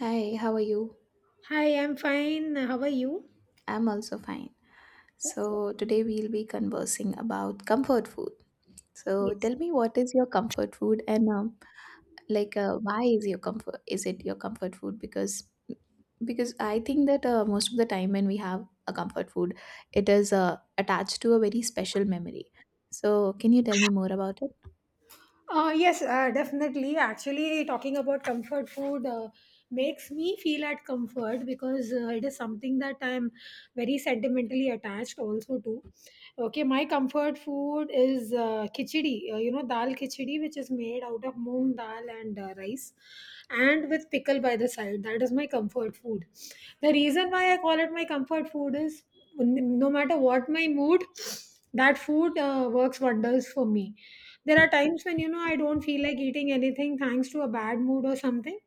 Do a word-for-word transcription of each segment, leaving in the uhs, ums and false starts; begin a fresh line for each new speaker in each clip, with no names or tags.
Hi, how are you?
Hi, I'm fine. How are you?
I'm also fine. So, today we'll be conversing about comfort food. So,
Yes.
tell me what is your comfort food and um, like uh, why is your comfort is it your comfort food because because I think that uh, most of the time when we have a comfort food, it is uh, attached to a very special memory. So, can you tell me more about it?
Uh, yes, uh, definitely. Actually, talking about comfort food uh, makes me feel at comfort because uh, it is something that I'm very sentimentally attached also to. Okay, my comfort food is uh, khichdi, uh, you know, dal khichdi, which is made out of moong dal and uh, rice and with pickle by the side. That is my comfort food. The reason why I call it my comfort food is n- no matter what my mood, that food uh, works wonders for me. There are times when you know I don't feel like eating anything thanks to a bad mood or something.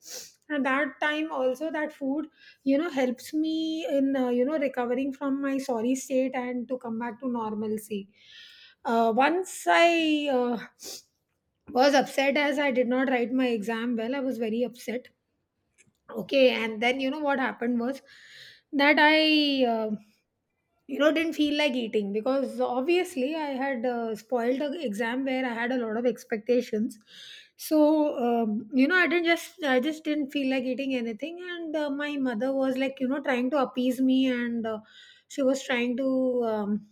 And that time also that food, you know, helps me in uh, you know recovering from my sorry state and to come back to normalcy. Uh, once I uh, was upset as I did not write my exam well. I was very upset. Okay, and then you know what happened was that I. um you know didn't feel like eating because obviously I had uh, spoiled the exam where I had a lot of expectations. So um, you know i didn't just i just didn't feel like eating anything, and uh, my mother was like you know trying to appease me, and uh, she was trying to um,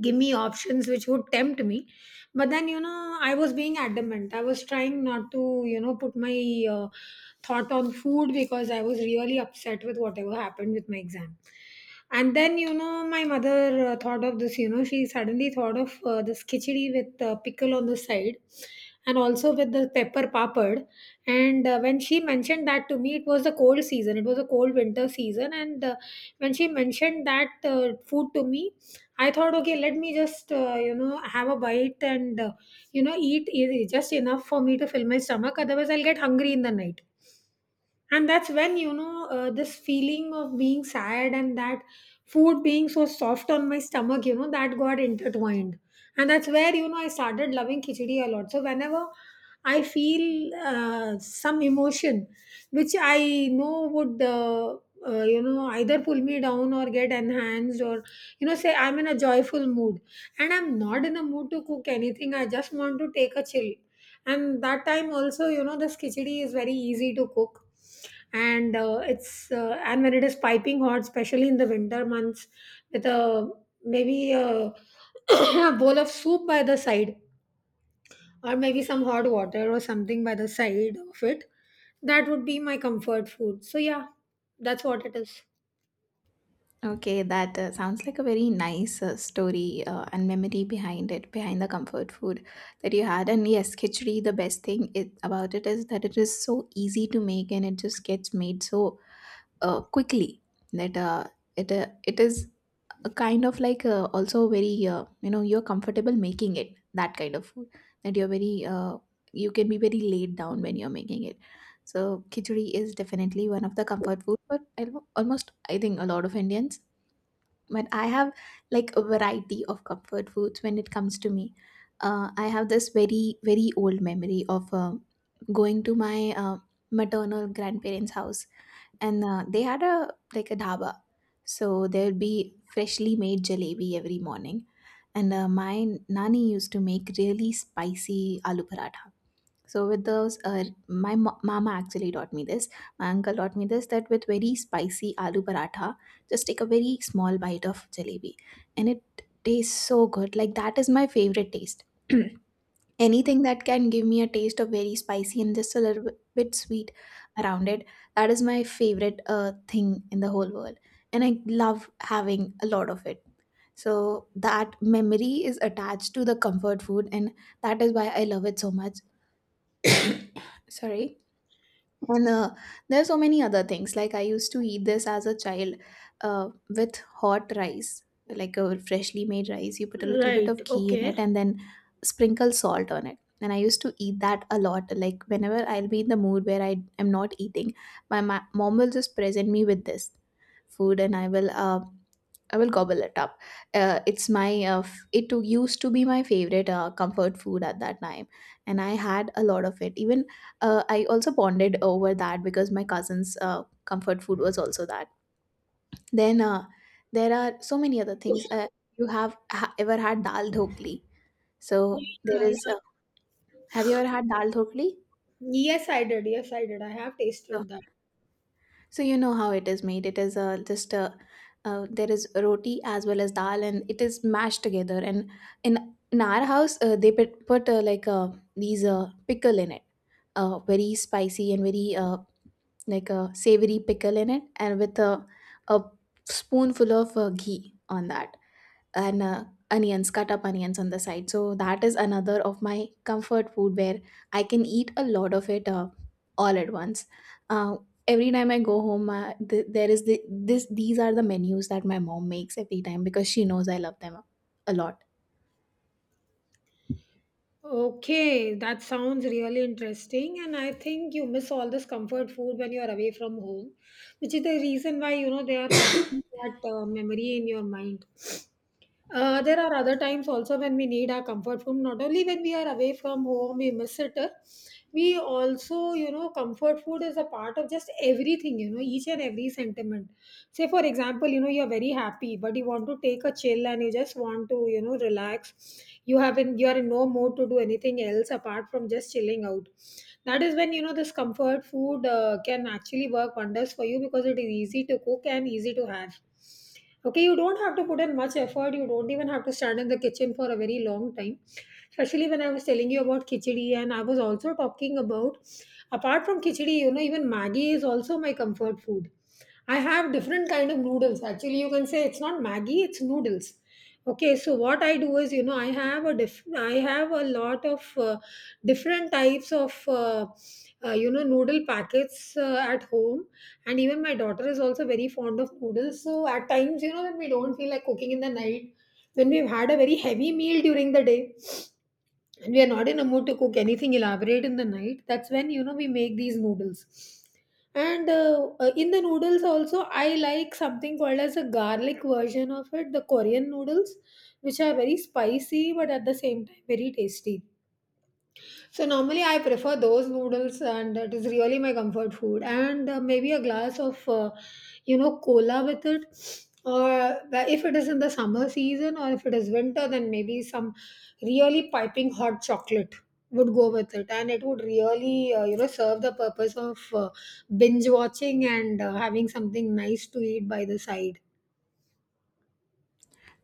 give me options which would tempt me. But then you know I was being adamant. I was trying not to you know put my uh, thought on food because I was really upset with whatever happened with my exam. And then, you know, my mother uh, thought of this, you know, she suddenly thought of uh, this khichdi with uh, pickle on the side and also with the pepper papad. And uh, when she mentioned that to me, it was the cold season, it was a cold winter season. And uh, when she mentioned that uh, food to me, I thought, okay, let me just, uh, you know, have a bite and, uh, you know, eat e- just enough for me to fill my stomach. Otherwise, I'll get hungry in the night, and that's when you know uh, this feeling of being sad and that food being so soft on my stomach you know, that got intertwined. And that's where you know I started loving khichdi a lot. So whenever I feel uh, some emotion which I know would uh, uh, you know either pull me down or get enhanced, or you know say I'm in a joyful mood and I'm not in a mood to cook anything, I just want to take a chill. And that time also you know this khichdi is very easy to cook. And uh, it's uh, and when it is piping hot, especially in the winter months, with a maybe a, a bowl of soup by the side, or maybe some hot water or something by the side of it, that would be my comfort food. So yeah, that's what it is.
Okay, that uh, sounds like a very nice uh, story uh, and memory behind it, behind the comfort food that you had. And yes, khichdi, the best thing it, about it is that it is so easy to make, and it just gets made so uh, quickly that uh, it uh, it is a kind of like uh, also very uh, you know you're comfortable making it, that kind of food that you're very uh, you can be very laid down when you're making it. So khichdi is definitely one of the comfort food for al- almost, I think, a lot of Indians, but I have like a variety of comfort foods when it comes to me. uh, I have this very very old memory of uh, going to my uh, maternal grandparents house, and uh, they had a like a dhaba, so there would be freshly made jalebi every morning. And uh, my nani used to make really spicy aloo paratha. So with those, uh, my ma- mama actually taught me this. My uncle taught me this, that with very spicy aloo paratha, just take a very small bite of jalebi, and it tastes so good. Like, that is my favorite taste. Anything that can give me a taste of very spicy and just a little bit bit sweet around it, that is my favorite uh, thing in the whole world, and I love having a lot of it. So that memory is attached to the comfort food, and that is why I love it so much. Sorry. And uh, there are so many other things. Like, I used to eat this as a child, uh, with hot rice, like a freshly made rice. You put a little bit of
Right.
ghee in it,
Okay.
and then sprinkle salt on it, and I used to eat that a lot. Like, whenever I'll be in the mood where I am not eating, my ma- mom will just present me with this food, and I will uh, I will gobble it up. Uh, it's my uh, f- it to- used to be my favorite uh, comfort food at that time, and I had a lot of it. Even uh, I also bonded over that because my cousin's uh, comfort food was also that. Then uh, there are so many other things. Uh, you have ha- ever had dal dhokli?
Oh,
So there
yeah,
is.
yeah.
Uh, have you ever had dal dhokli?
Yes, I did. Yes, I did. I have
So,
tasted that.
So you know how it is made. It is uh, just uh, uh, there is roti as well as dal, and it is mashed together. And in in our house, uh, they put, put uh, like uh, these uh, pickle in it, uh, very spicy and very uh, like a savory pickle in it, and with a a spoonful of uh, ghee on that, and uh, onions, cut up onions on the side. So that is another of my comfort food where I can eat a lot of it uh, all at once. Uh, every time I go home, uh, th- there is the, this. These are the menus that my mom makes every time, because she knows I love them a lot.
Okay, that sounds really interesting. And I think you miss all this comfort food when you're away from home, which is the reason why, you know, they are found that uh, memory in your mind. Uh, there are other times also when we need our comfort food. Not only when we are away from home, we miss it. uh, We also, you know, comfort food is a part of just everything, you know, each and every sentiment. Say, for example, you know, you're very happy, but you want to take a chill and you just want to, you know, relax. You have in, you are in no mood to do anything else apart from just chilling out. That is when, you know, this comfort food uh, can actually work wonders for you because it is easy to cook and easy to have. Okay, you don't have to put in much effort. You don't even have to stand in the kitchen for a very long time. Especially when I was telling you about khichdi, and I was also talking about, apart from khichdi, you know, even Maggie is also my comfort food. I have different kind of noodles. Actually, you can say it's not Maggie, it's noodles. Okay, so what I do is, you know, I have a diff- I have a lot of uh, different types of, uh, uh, you know, noodle packets uh, at home. And even my daughter is also very fond of noodles. So at times, you know, when we don't feel like cooking in the night, when we've had a very heavy meal during the day and we are not in a mood to cook anything elaborate in the night, that's when, you know, we make these noodles. And uh, uh, in the noodles also, I like something called as a garlic version of it, the Korean noodles, which are very spicy but at the same time very tasty. So normally I prefer those noodles, and it is really my comfort food. And uh, maybe a glass of uh, you know cola with it, or well, if it is in the summer season, or if it is winter, then maybe some really piping hot chocolate would go with it, and it would really uh, you know serve the purpose of uh, binge watching and uh, having something nice to eat by the side.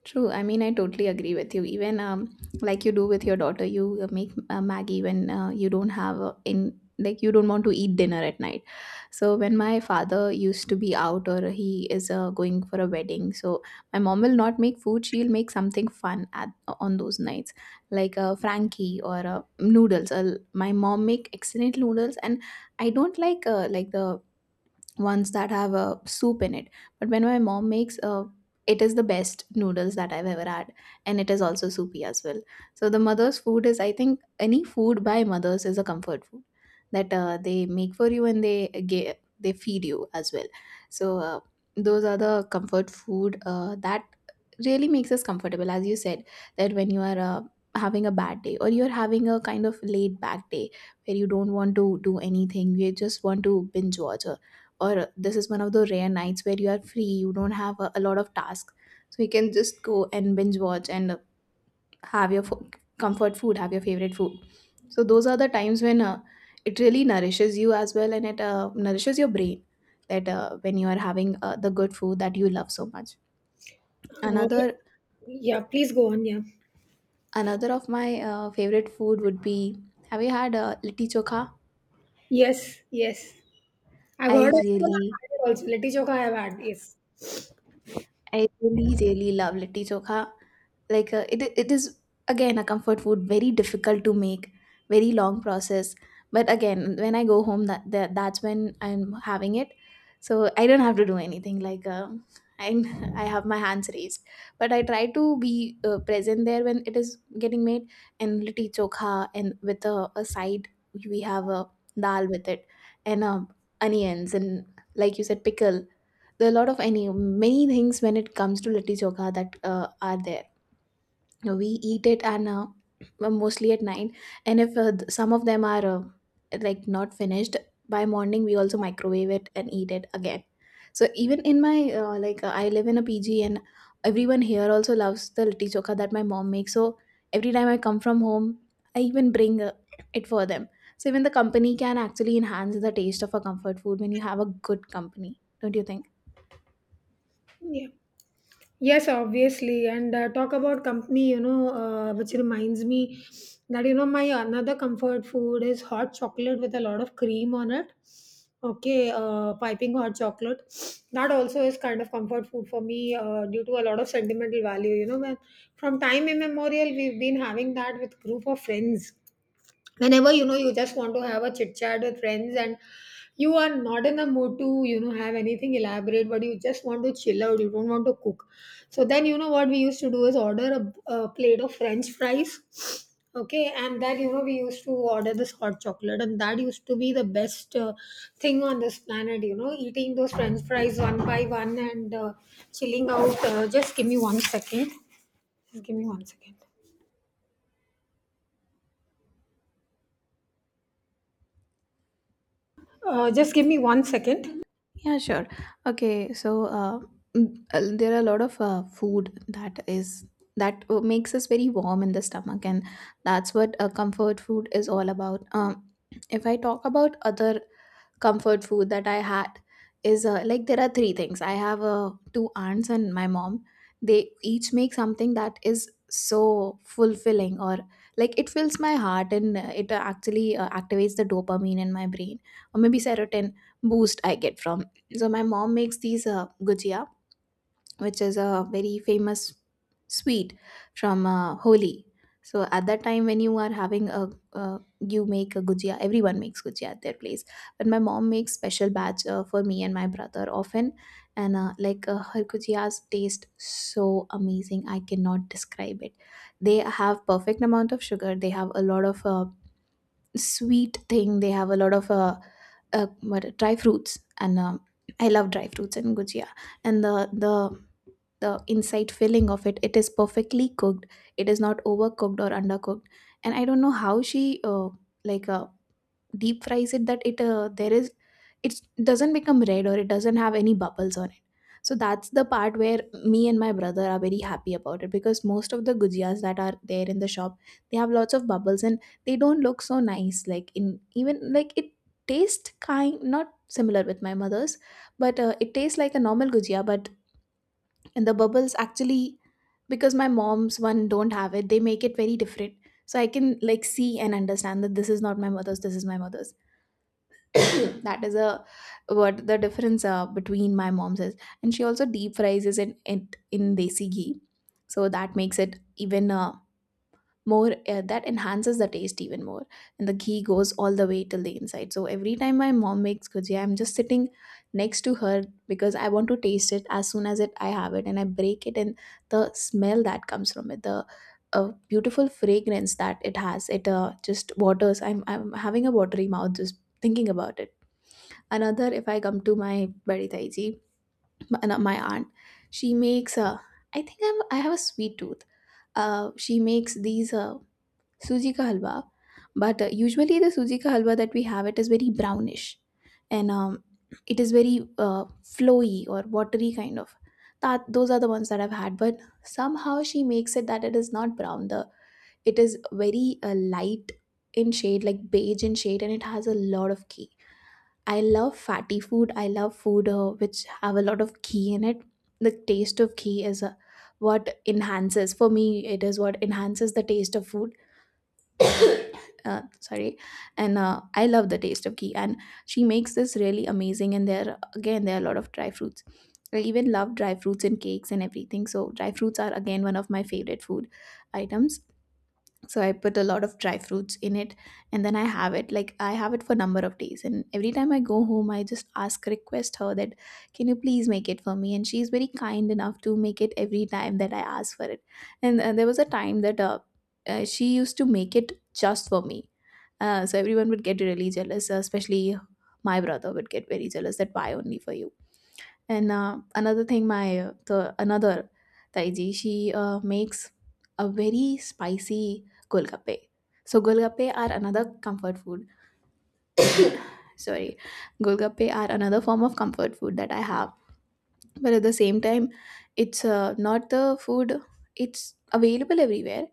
True. I mean, I totally agree with you. Even um, like you do with your daughter, you uh, make uh, Maggie when uh, you don't have uh, in like you don't want to eat dinner at night. So when my father used to be out, or he is uh, going for a wedding, so my mom will not make food. She'll make something fun at uh, on those nights, like uh, Frankie or uh, noodles. Uh, my mom make excellent noodles, and I don't like uh, like the ones that have a uh, soup in it. But when my mom makes uh, it is the best noodles that I've ever had, and it is also soupy as well. So the mother's food is, I think any food by mothers is a comfort food that uh, they make for you, and they ga- they feed you as well. So uh, those are the comfort food uh, that really makes us comfortable, as you said, that when you are uh, having a bad day, or you're having a kind of laid back day where you don't want to do anything, you just want to binge watch, or this is one of the rare nights where you are free, you don't have a, a lot of tasks, so you can just go and binge watch and uh, have your fo- comfort food, have your favorite food. So those are the times when uh, it really nourishes you as well, and it uh, nourishes your brain, that uh, when you are having uh, the good food that you love so much.
Okay.
another
Yeah, please go on, yeah.
Another of my uh, favorite food would be, have you had uh, litti chokha?
Yes, yes. I've
i
heard of it and I've
really
had it also. Litti Chokha I have had, yes.
I really really love litti chokha. Like uh, it it is again a comfort food, very difficult to make, very long process. But again, when I go home, that, that that's when I'm having it. So I don't have to do anything. Like uh, I I have my hands raised, but I try to be uh, present there when it is getting made. And litti chokha, and with a, a side, we have a dal with it, and um, onions and, like you said, pickle. There are a lot of any many things when it comes to litti chokha that uh, are there. Uh, we eat it, and uh, mostly at night. And if uh, th- some of them are uh, like not finished by morning, we also microwave it and eat it again. So even in my uh, like uh, I live in a P G, and everyone here also loves the litti chokha that my mom makes. So every time I come from home, I even bring uh, it for them. So even the company can actually enhance the taste of a comfort food when you have a good company, don't you think?
Yeah. Yes, obviously. And uh, talk about company, you know, uh, which reminds me that, you know, my another comfort food is hot chocolate with a lot of cream on it. Okay, uh, piping hot chocolate. That also is kind of comfort food for me uh, due to a lot of sentimental value. You know, when from time immemorial, we've been having that with group of friends whenever you know you just want to have a chit chat with friends, and you are not in the mood to you know have anything elaborate but you just want to chill out, you don't want to cook. So then you know what we used to do is order a, a plate of french fries. Okay, and then you know we used to order this hot chocolate, and that used to be the best uh, thing on this planet, you know, eating those french fries one by one and uh, chilling out. Uh, just give me one second. Just give me one second. Uh, just give me one second.
Yeah, sure. Okay, so uh, mm, uh, there are a lot of uh, food that is that uh, makes us very warm in the stomach, and that's what a comfort food is all about. Um, if I talk about other comfort food that I had, is uh, like there are three things. I have uh, two aunts and my mom. They each make something that is so fulfilling, or like it fills my heart, and uh, it actually uh, activates the dopamine in my brain, or maybe serotonin boost I get from. So my mom makes these uh, gujia, which is a very famous sweet from uh, Holi. So at that time when you are having a, uh, you make a gujia. Everyone makes gujia at their place, but my mom makes special batch uh, for me and my brother often, and uh, like uh, her gujias taste so amazing. I cannot describe it. They have perfect amount of sugar. They have a lot of uh, sweet thing. They have a lot of uh, uh, what dry fruits and. um I love dry fruits and gujia, and the the the inside filling of it, it is perfectly cooked. It is not overcooked or undercooked, and I don't know how she uh, like uh, deep fries it that it, uh, there is, it doesn't become red or it doesn't have any bubbles on it. So that's the part where me and my brother are very happy about it, because most of the gujias that are there in the shop, they have lots of bubbles and they don't look so nice, like, in even, like, it tastes kind not similar with my mother's, but uh, it tastes like a normal gujia, but, and the bubbles actually, because my mom's one don't have it, they make it very different. So I can like see and understand that this is not my mother's, this is my mother's. That is a, what the difference uh, between my mom's is. And she also deep fries it in, it in desi ghee, so that makes it even uh, more uh, that enhances the taste even more, and the ghee goes all the way till the inside. So every time my mom makes gujia, I'm just sitting next to her, because I want to taste it as soon as it, I have it and I break it, and the smell that comes from it, the uh, beautiful fragrance that it has, it uh, just waters, i'm i'm having a watery mouth just thinking about it. Another, if I come to my bari taiji, my, uh, my aunt, she makes uh, I think i'm i have a sweet tooth. Uh, she makes these uh, Suji ka halwa, but uh, usually the suji ka halwa that we have, it is very brownish, and um, it is very uh, flowy or watery kind of. That, those are the ones that I've had, but somehow she makes it that it is not brown. The, it is very uh, light in shade, like beige in shade, and it has a lot of ghee. I love fatty food. I love food uh, which have a lot of ghee in it. The taste of ghee is uh, what enhances for me. It is what enhances the taste of food. Uh, sorry. And uh, I love the taste of ghee. And she makes this really amazing, and there again there are a lot of dry fruits. I even love dry fruits in cakes and everything, so dry fruits are again one of my favorite food items. So I put a lot of dry fruits in it, and then I have it, like I have it for number of days, and every time I go home I just ask, request her that can you please make it for me, and she's very kind enough to make it every time that I ask for it. And uh, there was a time that uh, uh, she used to make it just for me. Uh, so everyone would get really jealous, uh, especially my brother would get very jealous that why only for you. And uh, another thing, my uh, the another Taiji, she uh, makes a very spicy golgappe. So golgappe are another comfort food. Sorry, golgappe are another form of comfort food that I have. But at the same time, it's uh, not the food. It's available everywhere,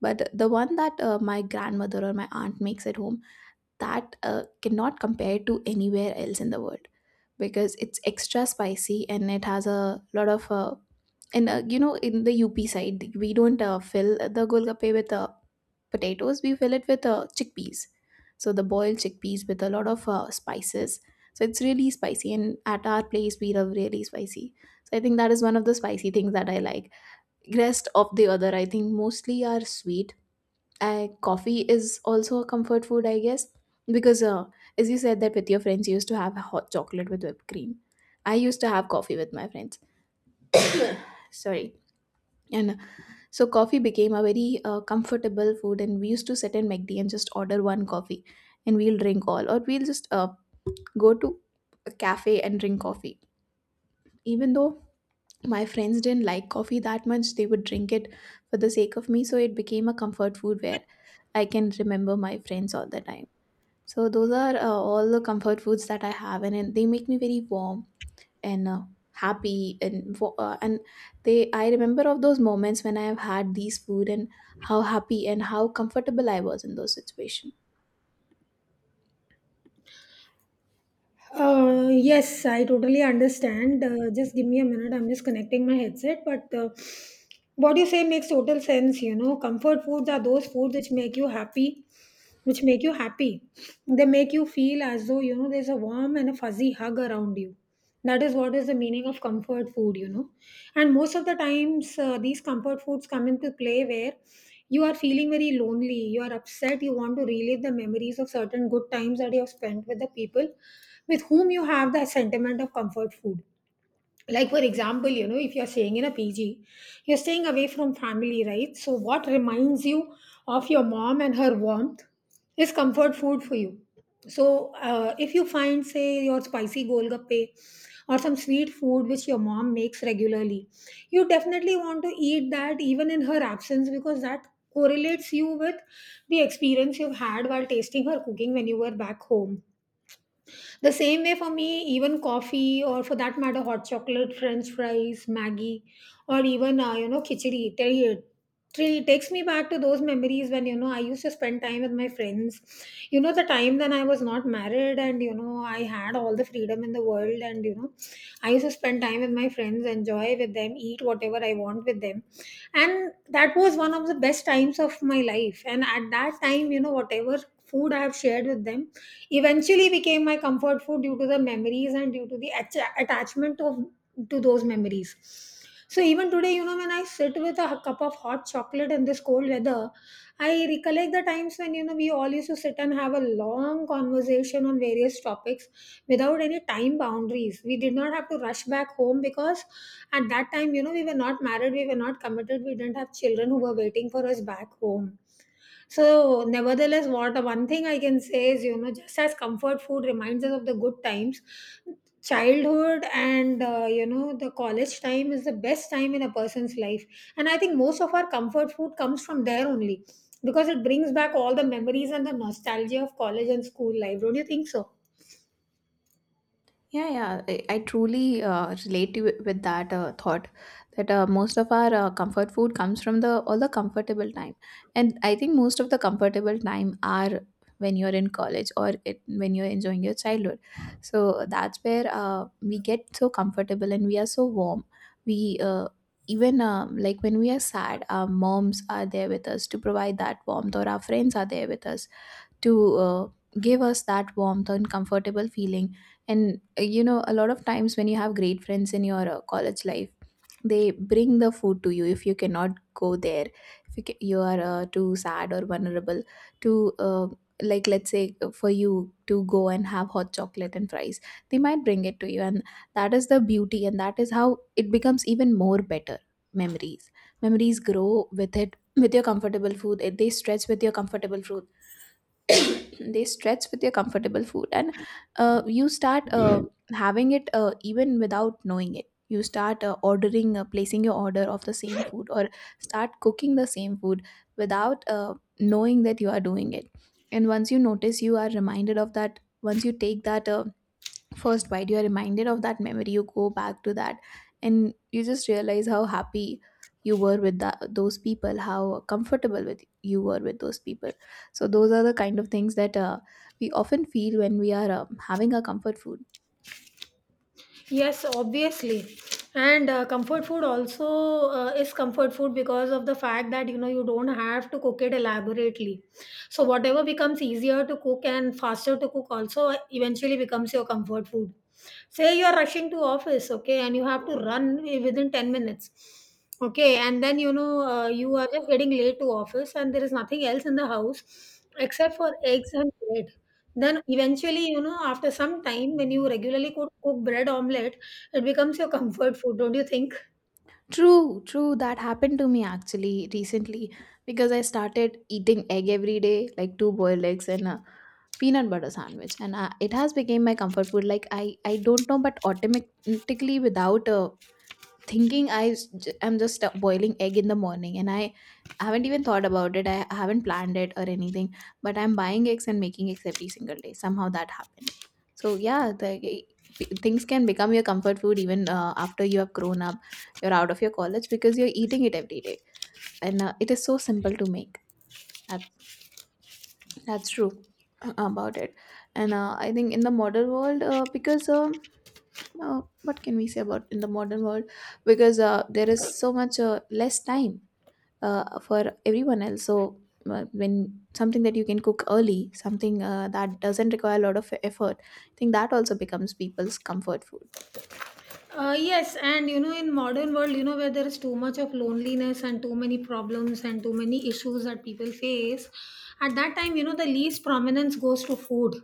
but the one that uh, my grandmother or my aunt makes at home, that uh, cannot compare to anywhere else in the world, because it's extra spicy and it has a lot of uh, and uh, you know, in the U P side we don't uh, fill the golgappe with uh, potatoes, we fill it with uh, chickpeas. So the boiled chickpeas with a lot of uh, spices, so it's really spicy, and at our place we love really spicy. So I think that is one of the spicy things that I like. Rest of the other I think mostly are sweet. I, coffee is also a comfort food, I guess, because uh, as you said that with your friends, you used to have hot chocolate with whipped cream. I used to have coffee with my friends. Sorry. And uh, so coffee became a very uh, comfortable food, and we used to sit in McD and just order one coffee, and we'll drink all, or we'll just uh, go to a cafe and drink coffee. Even though my friends didn't like coffee that much, they would drink it for the sake of me. So it became a comfort food where I can remember my friends all the time. So those are uh, all the comfort foods that I have, and, and they make me very warm and uh, happy. And wo- uh, and they, I remember of those moments when I have had these food and how happy and how comfortable I was in those situations.
Uh, yes, I totally understand. Uh, just give me a minute. I'm just connecting my headset. But uh, what you say makes total sense. You know, comfort foods are those foods which make you happy, which make you happy. They make you feel as though, you know, there's a warm and a fuzzy hug around you. That is what is the meaning of comfort food, you know. And most of the times, uh, these comfort foods come into play where you are feeling very lonely, you are upset, you want to relive the memories of certain good times that you have spent with the people with whom you have the sentiment of comfort food. Like for example you know if you're staying in a PG, you're staying away from family, right? So what reminds you of your mom and her warmth is comfort food for you. So uh, if you find say your spicy golgappe or some sweet food which your mom makes regularly, you definitely want to eat that even in her absence because that correlates you with the experience you've had while tasting her cooking when you were back home. The same way for me, even coffee or for that matter, hot chocolate, french fries, Maggie, or even, uh, you know, khichdi. It really takes me back to those memories when, you know, I used to spend time with my friends. You know, the time when I was not married and, you know, I had all the freedom in the world, and, you know, I used to spend time with my friends, enjoy with them, eat whatever I want with them. And that was one of the best times of my life. And at that time, you know, whatever food I have shared with them, eventually became my comfort food due to the memories and due to the atta- attachment of to those memories. So even today, you know, when I sit with a cup of hot chocolate in this cold weather, I recollect the times when, you know, we all used to sit and have a long conversation on various topics without any time boundaries. We did not have to rush back home because at that time, you know, we were not married, we were not committed, we didn't have children who were waiting for us back home. So, nevertheless, what one thing I can say is, you know, just as comfort food reminds us of the good times, childhood and uh, you know, the college time is the best time in a person's life, and I think most of our comfort food comes from there only because it brings back all the memories and the nostalgia of college and school life. Don't you think so?
Yeah, yeah, I, I truly uh, relate to, with that uh, thought that uh, most of our uh, comfort food comes from the all the comfortable time, and I think most of the comfortable time are when you're in college or it, when you're enjoying your childhood. So that's where uh, we get so comfortable and we are so warm. We uh, Even um, like when we are sad, our moms are there with us to provide that warmth, or our friends are there with us to uh, give us that warmth and comfortable feeling. And uh, you know, a lot of times when you have great friends in your uh, college life, they bring the food to you if you cannot go there. If you, ca- you are uh, too sad or vulnerable to uh, like let's say uh, for you to go and have hot chocolate and fries, they might bring it to you, and that is the beauty, and that is how it becomes even more better. Memories, memories grow with it, with your comfortable food, eh, they stretch with your comfortable food. They stretch with your comfortable food, and uh, you start uh, having it uh, even without knowing it. You start uh, ordering uh, placing your order of the same food, or start cooking the same food without uh, knowing that you are doing it. And once you notice, you are reminded of that. Once you take that uh, first bite, you're reminded of that memory, you go back to that, and you just realize how happy you were with that, those people, how comfortable with you were with those people. So those are the kind of things that uh, we often feel when we are um having our comfort food.
Yes, obviously. And uh, comfort food also uh, is comfort food because of the fact that you know you don't have to cook it elaborately. So whatever becomes easier to cook and faster to cook also eventually becomes your comfort food. Say you are rushing to office, okay, and you have to run within ten minutes. Okay, and then you know uh, you are just getting late to office and there is nothing else in the house except for eggs and bread. Then eventually, you know, after some time, when you regularly cook, cook bread omelette, it becomes your comfort food, don't you think?
True, true, that happened to me actually recently, because I started eating egg every day, like two boiled eggs and a peanut butter sandwich, and uh, it has become my comfort food. Like, i i don't know, but automatically, without uh, thinking, I s- j- am just uh, boiling egg in the morning, and I haven't even thought about it. I haven't planned it or anything, but I'm buying eggs and making eggs every single day. Somehow that happened. So yeah, the e, p- things can become your comfort food even uh, after you have grown up, you're out of your college, because you're eating it every day, and uh, it is so simple to make. That, that's true about it. And uh, I think in the modern world uh, because. Uh, uh, what can we say about in the modern world, because uh, there is so much uh, less time uh, for everyone else. So uh, when something that you can cook early, something uh, that doesn't require a lot of effort, I think that also becomes people's comfort food.
Uh, yes, and you know, in modern world, you know, where there is too much of loneliness and too many problems and too many issues that people face, at that time, you know, the least prominence goes to food.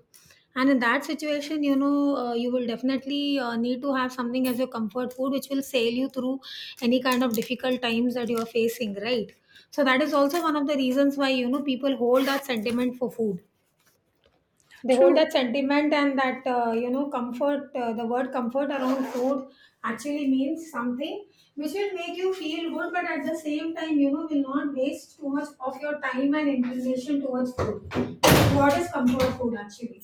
And in that situation, you know, uh, you will definitely uh, need to have something as your comfort food, which will sail you through any kind of difficult times that you are facing, right? So that is also one of the reasons why you know people hold that sentiment for food. They hold
True.
that sentiment and that, uh, you know, comfort. Uh, the word comfort around food actually means something which will make you feel good, but at the same time, you know, will not waste too much of your time and inclination towards food. What is comfort food actually?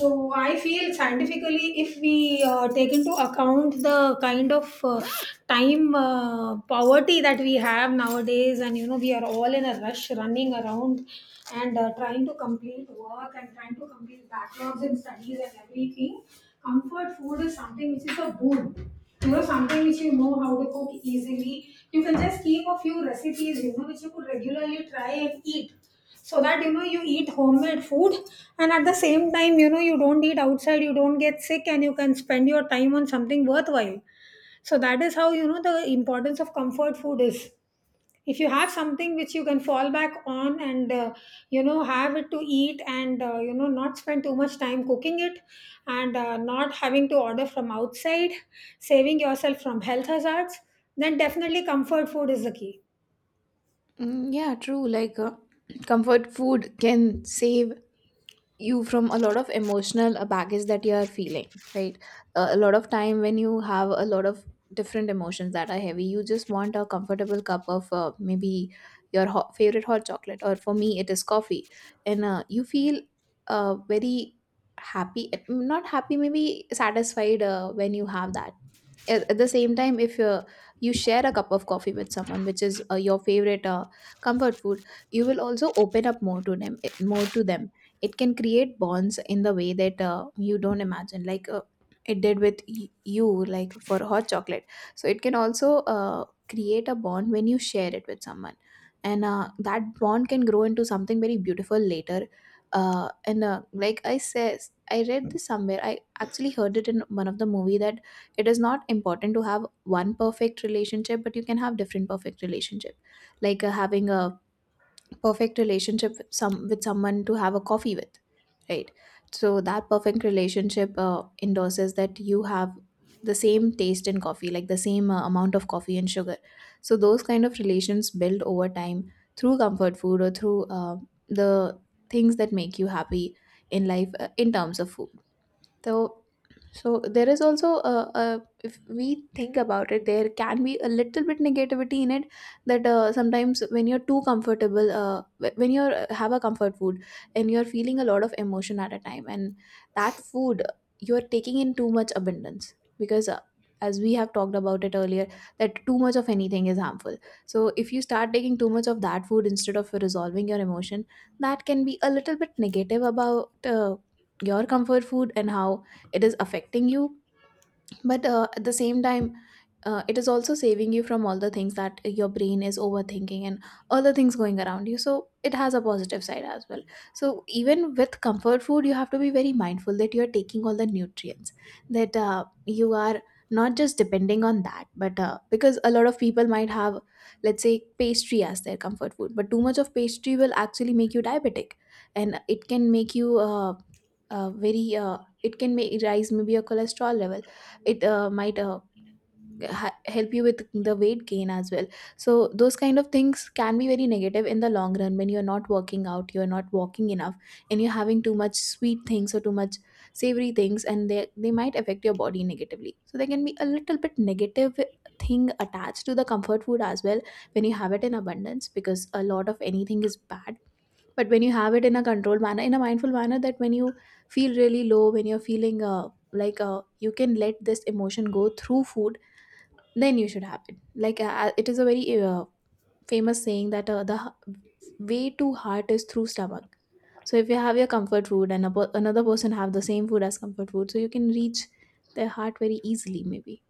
So I feel scientifically, if we uh, take into account the kind of uh, time uh, poverty that we have nowadays, and you know we are all in a rush, running around and uh, trying to complete work and trying to complete backlogs in studies and everything, comfort food is something which is a boon. You know, something which you know how to cook easily. You can just keep a few recipes, you know, which you could regularly try and eat so that you know you eat homemade food, and at the same time you know you don't eat outside, you don't get sick, and you can spend your time on something worthwhile. So that is how, you know, the importance of comfort food is, if you have something which you can fall back on and uh, you know have it to eat and uh, you know not spend too much time cooking it and uh, not having to order from outside, saving yourself from health hazards, then definitely comfort food is the key.
Mm, yeah, true. Like uh, comfort food can save you from a lot of emotional uh, baggage that you are feeling, right. Uh, a lot of time when you have a lot of different emotions that are heavy, you just want a comfortable cup of uh, maybe your hot, favorite hot chocolate, or for me it is coffee. And uh, you feel uh, very happy, not happy, maybe satisfied uh, when you have that. At, at the same time, if uh, you share a cup of coffee with someone which is uh, your favorite uh, comfort food, you will also open up more to them, eh, more to them. It can create bonds in the way that uh, you don't imagine, like uh, it did with y- you, like for hot chocolate. So it can also uh, create a bond when you share it with someone, and uh, that bond can grow into something very beautiful later. Uh, and uh, Like, I says I read this somewhere, I actually heard it in one of the movie, that it is not important to have one perfect relationship, but you can have different perfect relationship. Like uh, having a perfect relationship with some with someone to have a coffee with, right. So that perfect relationship uh, endorses that you have the same taste in coffee, like the same uh, amount of coffee and sugar. So those kind of relations build over time through comfort food, or through uh, the things that make you happy in life uh, in terms of food. So, so there is also a, a, if we think about it, there can be a little bit negativity in it, that uh, sometimes when you're too comfortable, uh, wh- when you are have a comfort food and you're feeling a lot of emotion at a time, and that food you're taking in too much abundance, because. Uh, as we have talked about it earlier, that too much of anything is harmful. So if you start taking too much of that food instead of resolving your emotion, that can be a little bit negative about uh, your comfort food and how it is affecting you. But uh, at the same time, uh, it is also saving you from all the things that your brain is overthinking and all the things going around you, so it has a positive side as well. So even with comfort food, you have to be very mindful that you're taking all the nutrients, that uh, you are not just depending on that. But uh, because a lot of people might have, let's say, pastry as their comfort food, but too much of pastry will actually make you diabetic, and it can make you uh, uh, very uh, it can make rise maybe your cholesterol level. It uh, might uh, ha- help you with the weight gain as well. So those kind of things can be very negative in the long run, when you're not working out, you're not walking enough, and you're having too much sweet things or too much savory things, and they they might affect your body negatively. So there can be a little bit negative thing attached to the comfort food as well, when you have it in abundance, because a lot of anything is bad. But when you have it in a controlled manner, in a mindful manner, that when you feel really low, when you're feeling uh, like uh, you can let this emotion go through food, then you should have it. Like uh, uh, it is a very uh, famous saying that uh, the h- way to heart is through stomach. So if you have your comfort food and a per- another person have the same food as comfort food, so you can reach their heart very easily, maybe.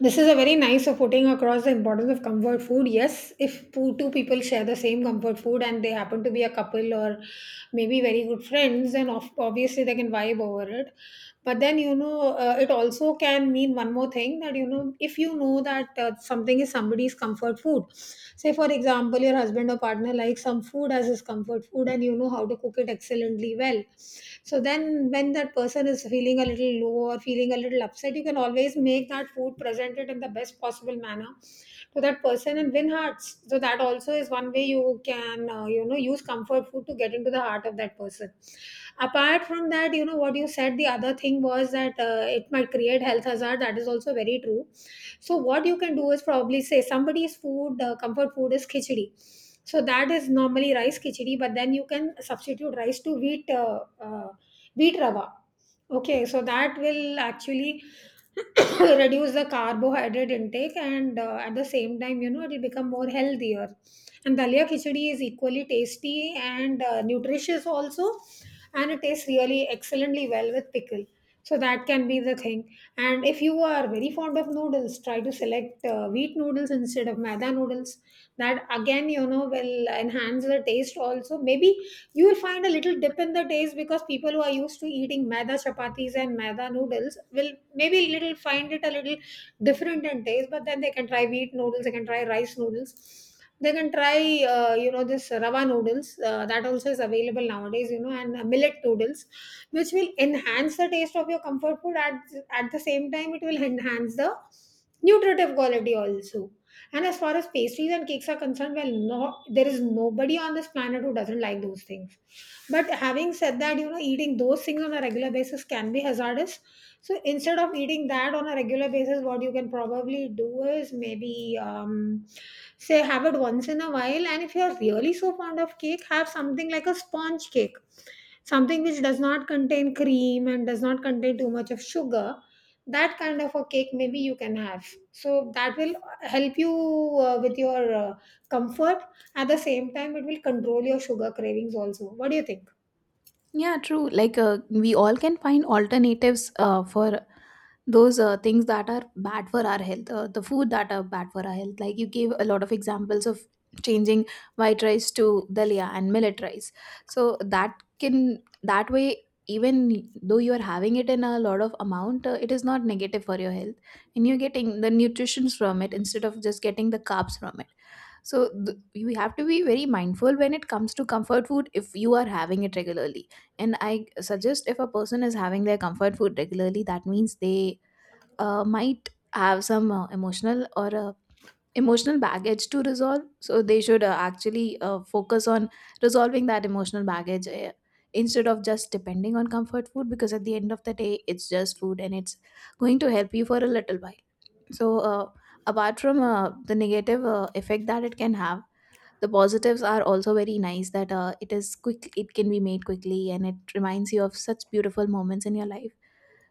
This is a very nice of putting across the importance of comfort food. Yes, if po- two people share the same comfort food and they happen to be a couple or maybe very good friends, then of, obviously they can vibe over it. But then, you know, uh, it also can mean one more thing that, you know, if you know that uh, something is somebody's comfort food, say, for example, your husband or partner likes some food as his comfort food and you know how to cook it excellently well, so then when that person is feeling a little low or feeling a little upset, you can always make that food, present it in the best possible manner to that person and win hearts. So that also is one way you can, uh, you know, use comfort food to get into the heart of that person. Apart from that, you know, what you said, the other thing was that uh, it might create health hazard, that is also very true. So what you can do is probably, say somebody's food uh, comfort food is khichdi. So that is normally rice khichdi, but then you can substitute rice to wheat uh, uh, wheat rava. Okay, so that will actually reduce the carbohydrate intake and uh, at the same time you know it will become more healthier, and dalia khichdi is equally tasty and uh, nutritious also, and it tastes really excellently well with pickle. So that can be the thing. And if you are very fond of noodles, try to select uh, wheat noodles instead of maida noodles. That again, you know, will enhance the taste also. Maybe you will find a little dip in the taste because people who are used to eating maida chapatis and maida noodles will maybe little find it a little different in taste, but then they can try wheat noodles, they can try rice noodles, they can try uh, you know this rava noodles, uh, that also is available nowadays, you know, and uh, millet noodles, which will enhance the taste of your comfort food. at, at the same time, it will enhance the nutritive quality also. And as far as pastries and cakes are concerned, well, no, there is nobody on this planet who doesn't like those things. But having said that, you know, eating those things on a regular basis can be hazardous. So instead of eating that on a regular basis, what you can probably do is maybe um, say have it once in a while. And if you're really so fond of cake, have something like a sponge cake, something which does not contain cream and does not contain too much of sugar. That kind of a cake maybe you can have. So that will help you uh, with your uh, comfort. At the same time, it will control your sugar cravings also. What do you think?
Yeah, true. Like uh, we all can find alternatives uh, for those uh, things that are bad for our health, uh, the food that are bad for our health. Like you gave a lot of examples of changing white rice to dalia and millet rice. So that can, that way, even though you are having it in a lot of amount, uh, it is not negative for your health, and you're getting the nutritions from it instead of just getting the carbs from it. So th- you have to be very mindful when it comes to comfort food if you are having it regularly. And I suggest, if a person is having their comfort food regularly, that means they uh, might have some uh, emotional or uh, emotional baggage to resolve. So they should uh, actually uh, focus on resolving that emotional baggage, uh, instead of just depending on comfort food, because at the end of the day it's just food and it's going to help you for a little while. So uh, apart from uh, the negative uh, effect that it can have, the positives are also very nice, that uh, it is quick, it can be made quickly, and it reminds you of such beautiful moments in your life.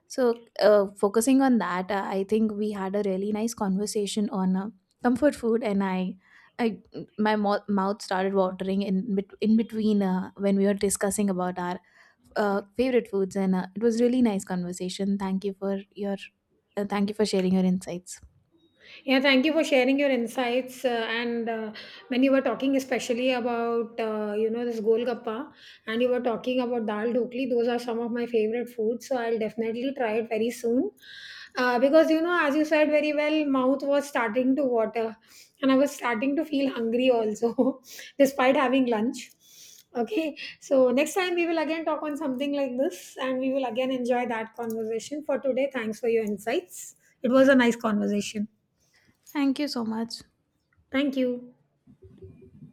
So, uh, focusing on that, uh, I think we had a really nice conversation on uh, comfort food, and I, I, my mo- mouth started watering in bet- in between uh, when we were discussing about our uh, favorite foods, and uh, it was really nice conversation. Thank you for your, uh, thank you for sharing your insights.
Yeah, thank you for sharing your insights. Uh, and uh, When you were talking, especially about uh, you know this golgappa, and you were talking about dal dhokli, those are some of my favorite foods. So I'll definitely try it very soon. Uh, because you know, as you said very well, mouth was starting to water, and I was starting to feel hungry also, despite having lunch. Okay, so next time we will again talk on something like this, and we will again enjoy that conversation. For today, thanks for your insights. It was a nice conversation.
Thank you so much.
Thank you.